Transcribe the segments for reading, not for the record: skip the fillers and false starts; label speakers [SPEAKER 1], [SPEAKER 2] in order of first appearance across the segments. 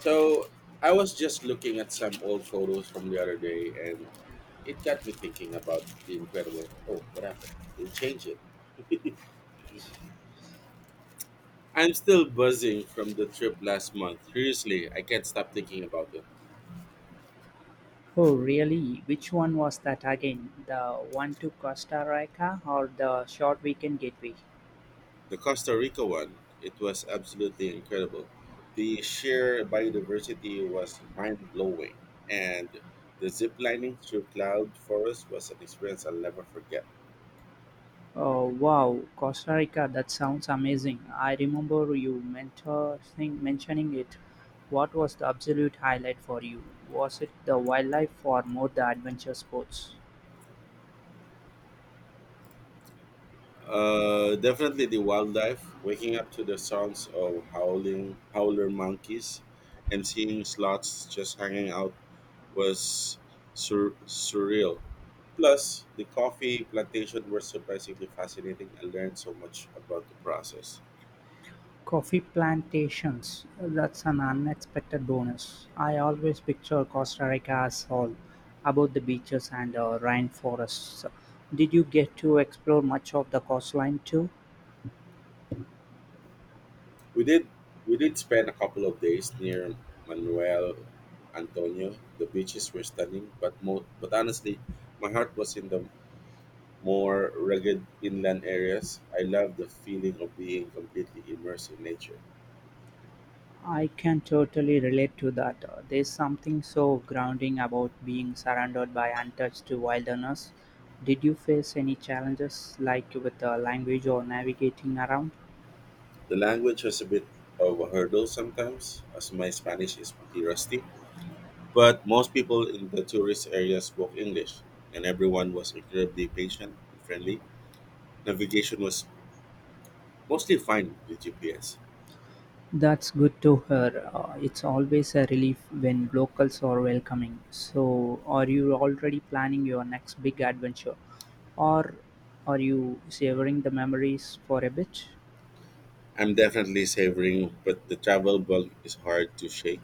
[SPEAKER 1] So I was just looking at some old photos from the other day, and it got me thinking about the incredible. Oh, what happened? They changed it. I'm still buzzing from the trip last month. Seriously, I can't stop thinking about it.
[SPEAKER 2] Oh, really? Which one was that again? The one to Costa Rica or the short weekend getaway?
[SPEAKER 1] The Costa Rica one, it was absolutely incredible. The sheer biodiversity was mind blowing, and the zip lining through cloud forest was an experience I'll never forget.
[SPEAKER 2] Oh, wow, Costa Rica, that sounds amazing. I remember you mentioning it. What was the absolute highlight for you? Was it the wildlife or more the adventure sports?
[SPEAKER 1] Definitely the wildlife. Waking up to the sounds of howling howler monkeys, and seeing sloths just hanging out was surreal. Plus, the coffee plantation were surprisingly fascinating. I learned so much about the process.
[SPEAKER 2] Coffee plantations, that's an unexpected bonus. I always picture Costa Rica as all about the beaches and rainforests. Did you get to explore much of the coastline too?
[SPEAKER 1] We did we did spend a couple of days near Manuel Antonio. The beaches were stunning, but but honestly, my heart was in the more rugged inland areas. I love the feeling of being completely immersed in nature.
[SPEAKER 2] I can totally relate to that. There's something so grounding about being surrounded by untouched wilderness. Did you face any challenges, like with language or navigating around?
[SPEAKER 1] The language has a bit of a hurdle sometimes, as my Spanish is pretty rusty, but most people in the tourist area spoke English, and everyone was incredibly patient and friendly. Navigation was mostly fine with GPS.
[SPEAKER 2] That's good to hear. It's always a relief when locals are welcoming. So, are you already planning your next big adventure, or are you savoring the memories for a bit?
[SPEAKER 1] I'm definitely savoring, but the travel bug is hard to shake.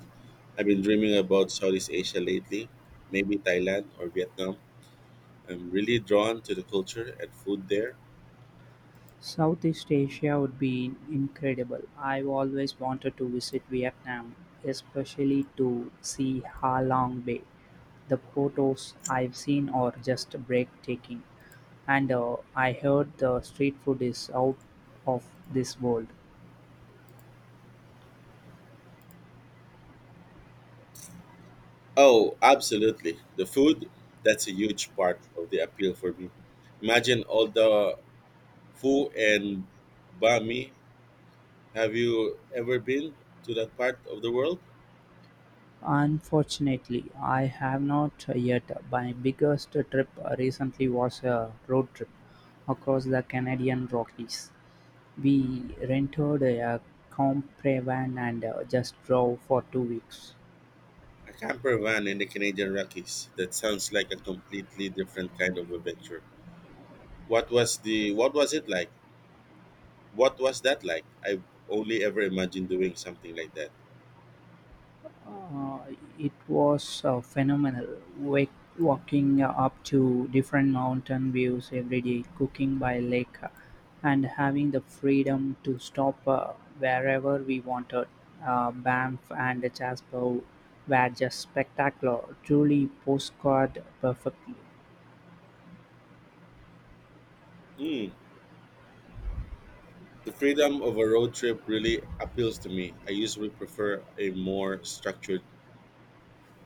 [SPEAKER 1] I've been dreaming about Southeast Asia lately, maybe Thailand or Vietnam. I'm really drawn to the culture and food there.
[SPEAKER 2] Southeast Asia would be incredible. I've always wanted to visit Vietnam, especially to see Ha Long Bay. The photos I've seen are just breathtaking, and I heard the street food is out of this world.
[SPEAKER 1] Oh, absolutely. The food, that's a huge part of the appeal for me. Imagine all the pho and bami. Have you ever been to that part of the world?
[SPEAKER 2] Unfortunately, I have not yet. My biggest trip recently was a road trip across the Canadian Rockies. We rented a camper van and just drove for 2 weeks.
[SPEAKER 1] A camper van in the Canadian Rockies. That sounds like a completely different kind of adventure. What was it like? What was that like? I've only ever imagined doing something like that.
[SPEAKER 2] Uh, it was phenomenal. Walking up to different mountain views every day, cooking by lake, and having the freedom to stop wherever we wanted. Banff and Jasper were just spectacular, truly postcard perfectly.
[SPEAKER 1] Hmm. The freedom of a road trip really appeals to me. I usually prefer a more structured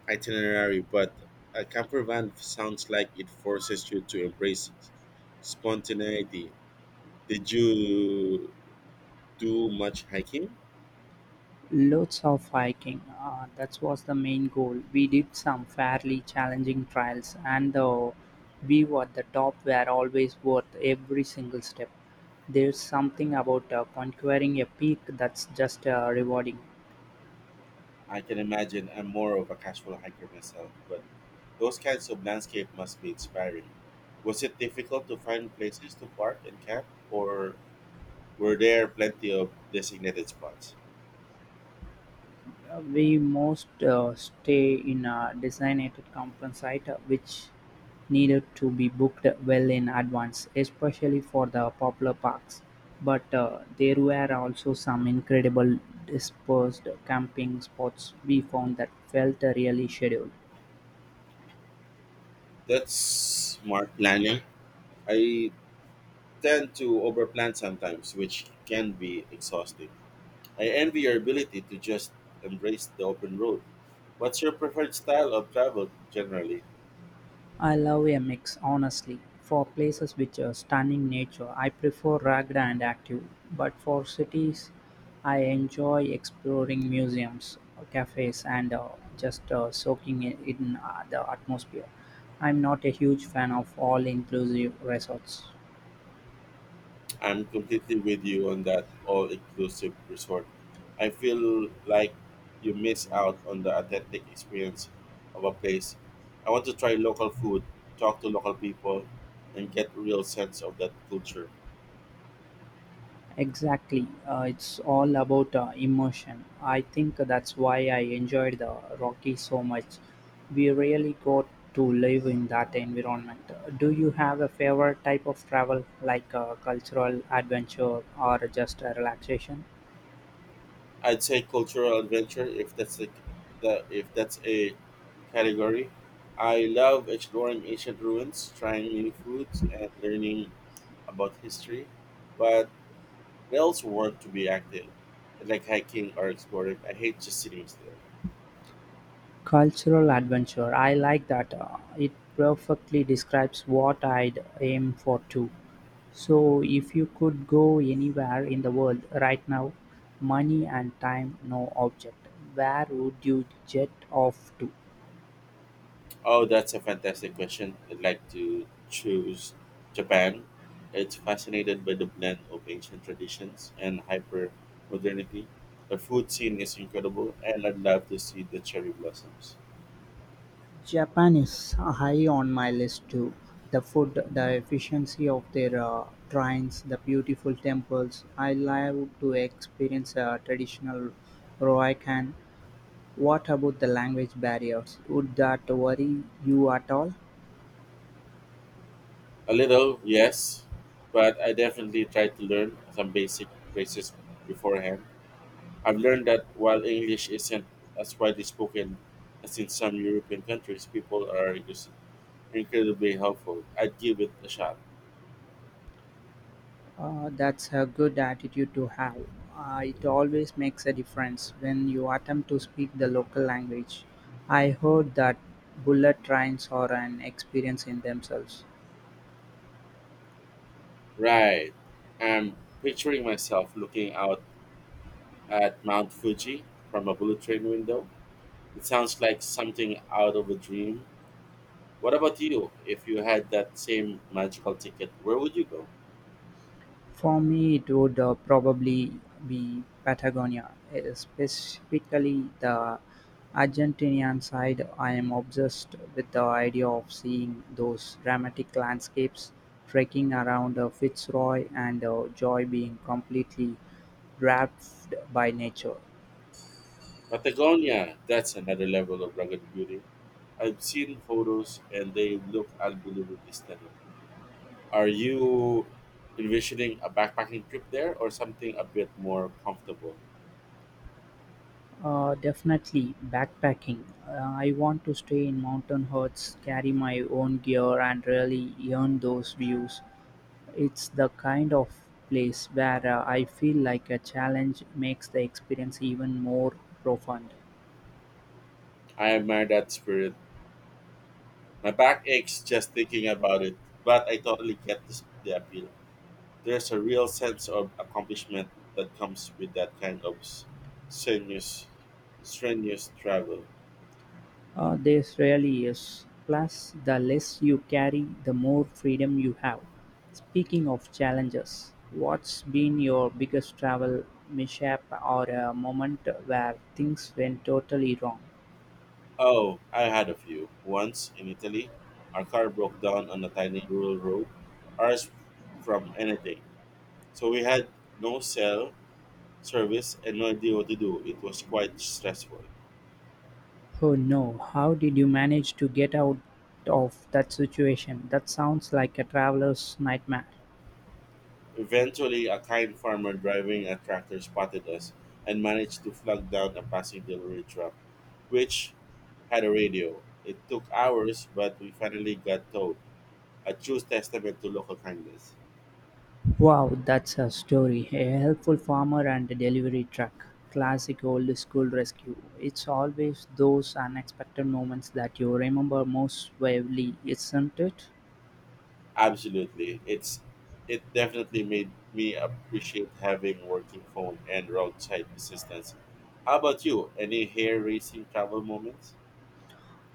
[SPEAKER 1] itinerary, but a camper van sounds like it forces you to embrace spontaneity. Did you do much hiking?
[SPEAKER 2] Loads of hiking, that was the main goal. We did some fairly challenging trials, and the view at the top were always worth every single step. There's something about conquering a peak that's just rewarding.
[SPEAKER 1] I can imagine I'm more of a casual hiker myself, but those kinds of landscape must be inspiring. Was it difficult to find places to park and camp, or were there plenty of designated spots?
[SPEAKER 2] We most stay in a designated conference site which needed to be booked well in advance, especially for the popular parks, but there were also some incredible dispersed camping spots we found that felt really scheduled.
[SPEAKER 1] That's smart planning. I tend to overplan sometimes, which can be exhausting. I envy your ability to just embrace the open road. What's your preferred style of travel generally?
[SPEAKER 2] I love a mix, honestly. For places with stunning nature, I prefer rugged and active. But for cities, I enjoy exploring museums, cafes, and just soaking in the atmosphere. I'm not a huge fan of all inclusive resorts.
[SPEAKER 1] I'm completely with you on that all inclusive resort. I feel like you miss out on the authentic experience of a place. I want to try local food, talk to local people, and get a real sense of that culture.
[SPEAKER 2] Exactly. It's all about emotion. I think that's why I enjoyed the Rocky so much. We really got to live in that environment. Do you have a favorite type of travel, like a cultural adventure or just a relaxation?
[SPEAKER 1] I'd say cultural adventure if that's the if that's a category. I love exploring ancient ruins, trying new foods, and learning about history. But I also want to be active, like hiking or exploring. I hate just sitting still.
[SPEAKER 2] Cultural adventure, I like that. It perfectly describes what I'd aim for too. So, if you could go anywhere in the world right now, money and time no object, where would you jet off to?
[SPEAKER 1] Oh, that's a fantastic question. I'd like to choose Japan. It's fascinated by the blend of ancient traditions and hyper modernity. The food scene is incredible, and I'd love to see the cherry blossoms.
[SPEAKER 2] Japan is high on my list too. The food, the efficiency of their trains, the beautiful temples. I love to experience a traditional Roikan. What about the language barriers? Would that worry you at all?
[SPEAKER 1] A little, yes, but I definitely try to learn some basic phrases beforehand. I've learned that while English isn't as widely spoken as in some European countries, people are just incredibly helpful. I'd give it a shot.
[SPEAKER 2] That's a good attitude to have. It always makes a difference when you attempt to speak the local language. I heard that bullet trains are an experience in themselves.
[SPEAKER 1] Right. I'm picturing myself looking out at Mount Fuji from a bullet train window. It sounds like something out of a dream. What about you? If you had that same magical ticket, where would you go?
[SPEAKER 2] For me it would probably be Patagonia, eh, specifically the Argentinian side. I am obsessed with the idea of seeing those dramatic landscapes, trekking around Fitzroy, and joy being completely wrapped by nature.
[SPEAKER 1] Patagonia, that's another level of rugged beauty. I've seen photos and they look unbelievably stunning. Are you envisioning a backpacking trip there or something a bit more comfortable?
[SPEAKER 2] Definitely backpacking. I want to stay in mountain huts, carry my own gear, and really earn those views. It's the kind of place where I feel like a challenge makes the experience even more profound.
[SPEAKER 1] I admire that spirit. My back aches just thinking about it, but I totally get this, the appeal. There's a real sense of accomplishment that comes with that kind of strenuous, strenuous travel.
[SPEAKER 2] This really is. Plus, the less you carry, the more freedom you have. Speaking of challenges, what's been your biggest travel mishap or a moment where things went totally wrong?
[SPEAKER 1] Oh, I had a few. Once in Italy, our car broke down on a tiny rural road, ours from anything. So we had no cell service and no idea what to do. It was quite stressful.
[SPEAKER 2] Oh no, how did you manage to get out of that situation? That sounds like a traveler's nightmare.
[SPEAKER 1] Eventually, a kind farmer driving a tractor spotted us and managed to flag down a passing delivery truck, which had a radio. It took hours, but we finally got towed. A true testament to local kindness.
[SPEAKER 2] Wow, that's a story. A helpful farmer and a delivery truck. Classic old school rescue. It's always those unexpected moments that you remember most vividly, isn't it?
[SPEAKER 1] Absolutely. It definitely made me appreciate having working phone and roadside assistance. How about you? Any hair raising travel moments?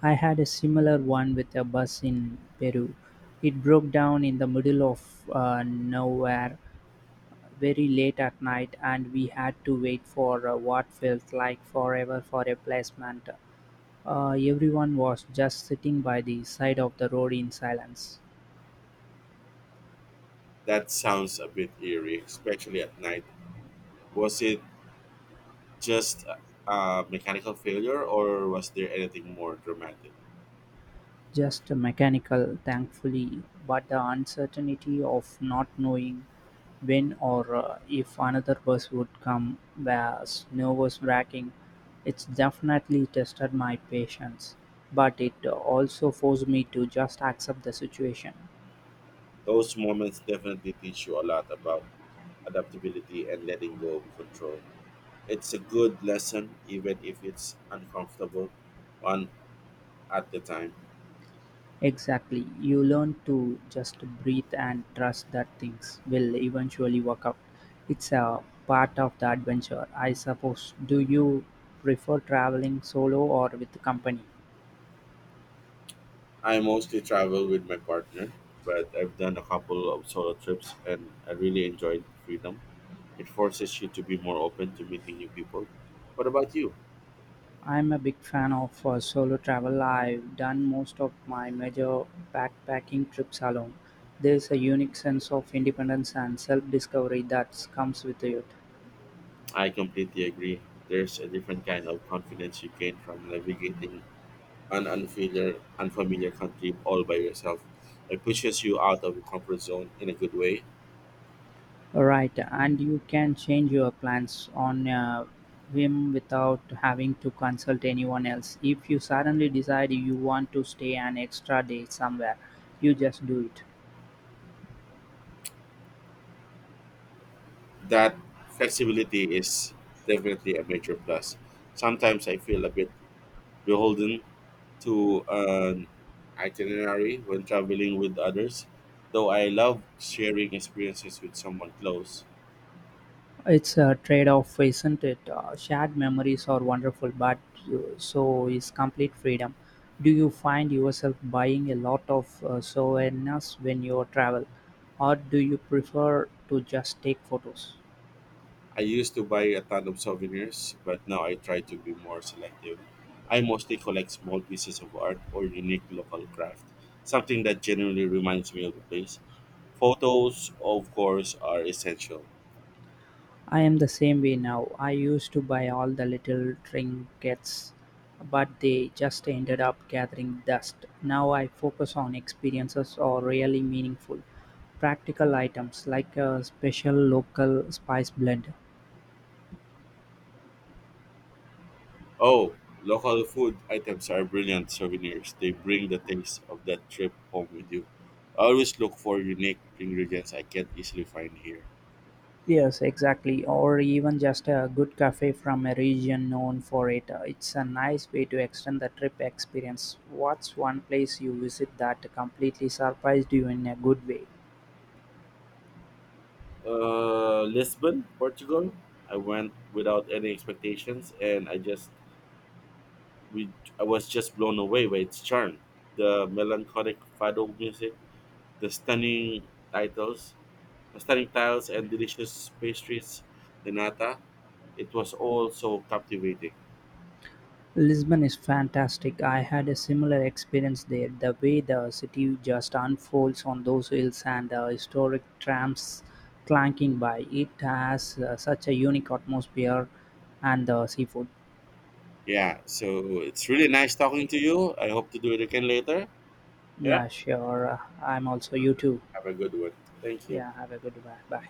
[SPEAKER 2] I had a similar one with a bus in Peru. It broke down in the middle of nowhere very late at night, and we had to wait for what felt like forever for a placement. Everyone was just sitting by the side of the road in silence.
[SPEAKER 1] That sounds a bit eerie, especially at night. Was it just a mechanical failure or was there anything more dramatic?
[SPEAKER 2] Just mechanical, thankfully, but the uncertainty of not knowing when or if another bus would come was nerve-wracking. It's definitely tested my patience, but it also forced me to just accept the situation.
[SPEAKER 1] Those moments definitely teach you a lot about adaptability and letting go of control. It's a good lesson even if it's uncomfortable one at the time.
[SPEAKER 2] Exactly, you learn to just breathe and trust that things will eventually work out. It's a part of the adventure, I suppose. Do you prefer traveling solo or with company?
[SPEAKER 1] I mostly travel with my partner, but I've done a couple of solo trips and I really enjoyed the freedom. It forces you to be more open to meeting new people. What about you?
[SPEAKER 2] I'm a big fan of solo travel. I've done most of my major backpacking trips alone. There's a unique sense of independence and self discovery that comes with it.
[SPEAKER 1] I completely agree. There's a different kind of confidence you gain from navigating an unfamiliar country all by yourself. It pushes you out of your comfort zone in a good way.
[SPEAKER 2] Right, and you can change your plans on a whim without having to consult anyone else. If you suddenly decide you want to stay an extra day somewhere, you just do it.
[SPEAKER 1] That flexibility is definitely a major plus. Sometimes I feel a bit beholden to an itinerary when traveling with others, though I love sharing experiences with someone close.
[SPEAKER 2] It's a trade-off, isn't it? Shared memories are wonderful, but so is complete freedom. Do you find yourself buying a lot of souvenirs when you travel, or do you prefer to just take photos?
[SPEAKER 1] I used to buy a ton of souvenirs, but now I try to be more selective. I mostly collect small pieces of art or unique local craft, something that genuinely reminds me of the place. Photos, of course, are essential.
[SPEAKER 2] I am the same way now. I used to buy all the little trinkets, but they just ended up gathering dust. Now I focus on experiences or really meaningful, practical items like a special local spice blend.
[SPEAKER 1] Oh, local food items are brilliant souvenirs. They bring the taste of that trip home with you. I always look for unique ingredients I can't easily find here.
[SPEAKER 2] Yes, exactly. Or even just a good cafe from a region known for it. It's a nice way to extend the trip experience. What's one place you visit that completely surprised you in a good way?
[SPEAKER 1] Lisbon, Portugal. I went without any expectations, and we I was just blown away by its charm. The melancholic fado music, the stunning tiles, and delicious pastries. The nata. It was all so captivating.
[SPEAKER 2] Lisbon is fantastic. I had a similar experience there. The way the city just unfolds on those hills and the historic trams clanking by, it has such a unique atmosphere and the seafood.
[SPEAKER 1] Yeah, so it's really nice talking to you. I hope to do it again later. Yeah.
[SPEAKER 2] Yeah, sure. I'm also you too.
[SPEAKER 1] Have a good one. Thank you.
[SPEAKER 2] Yeah, have a good one. Bye.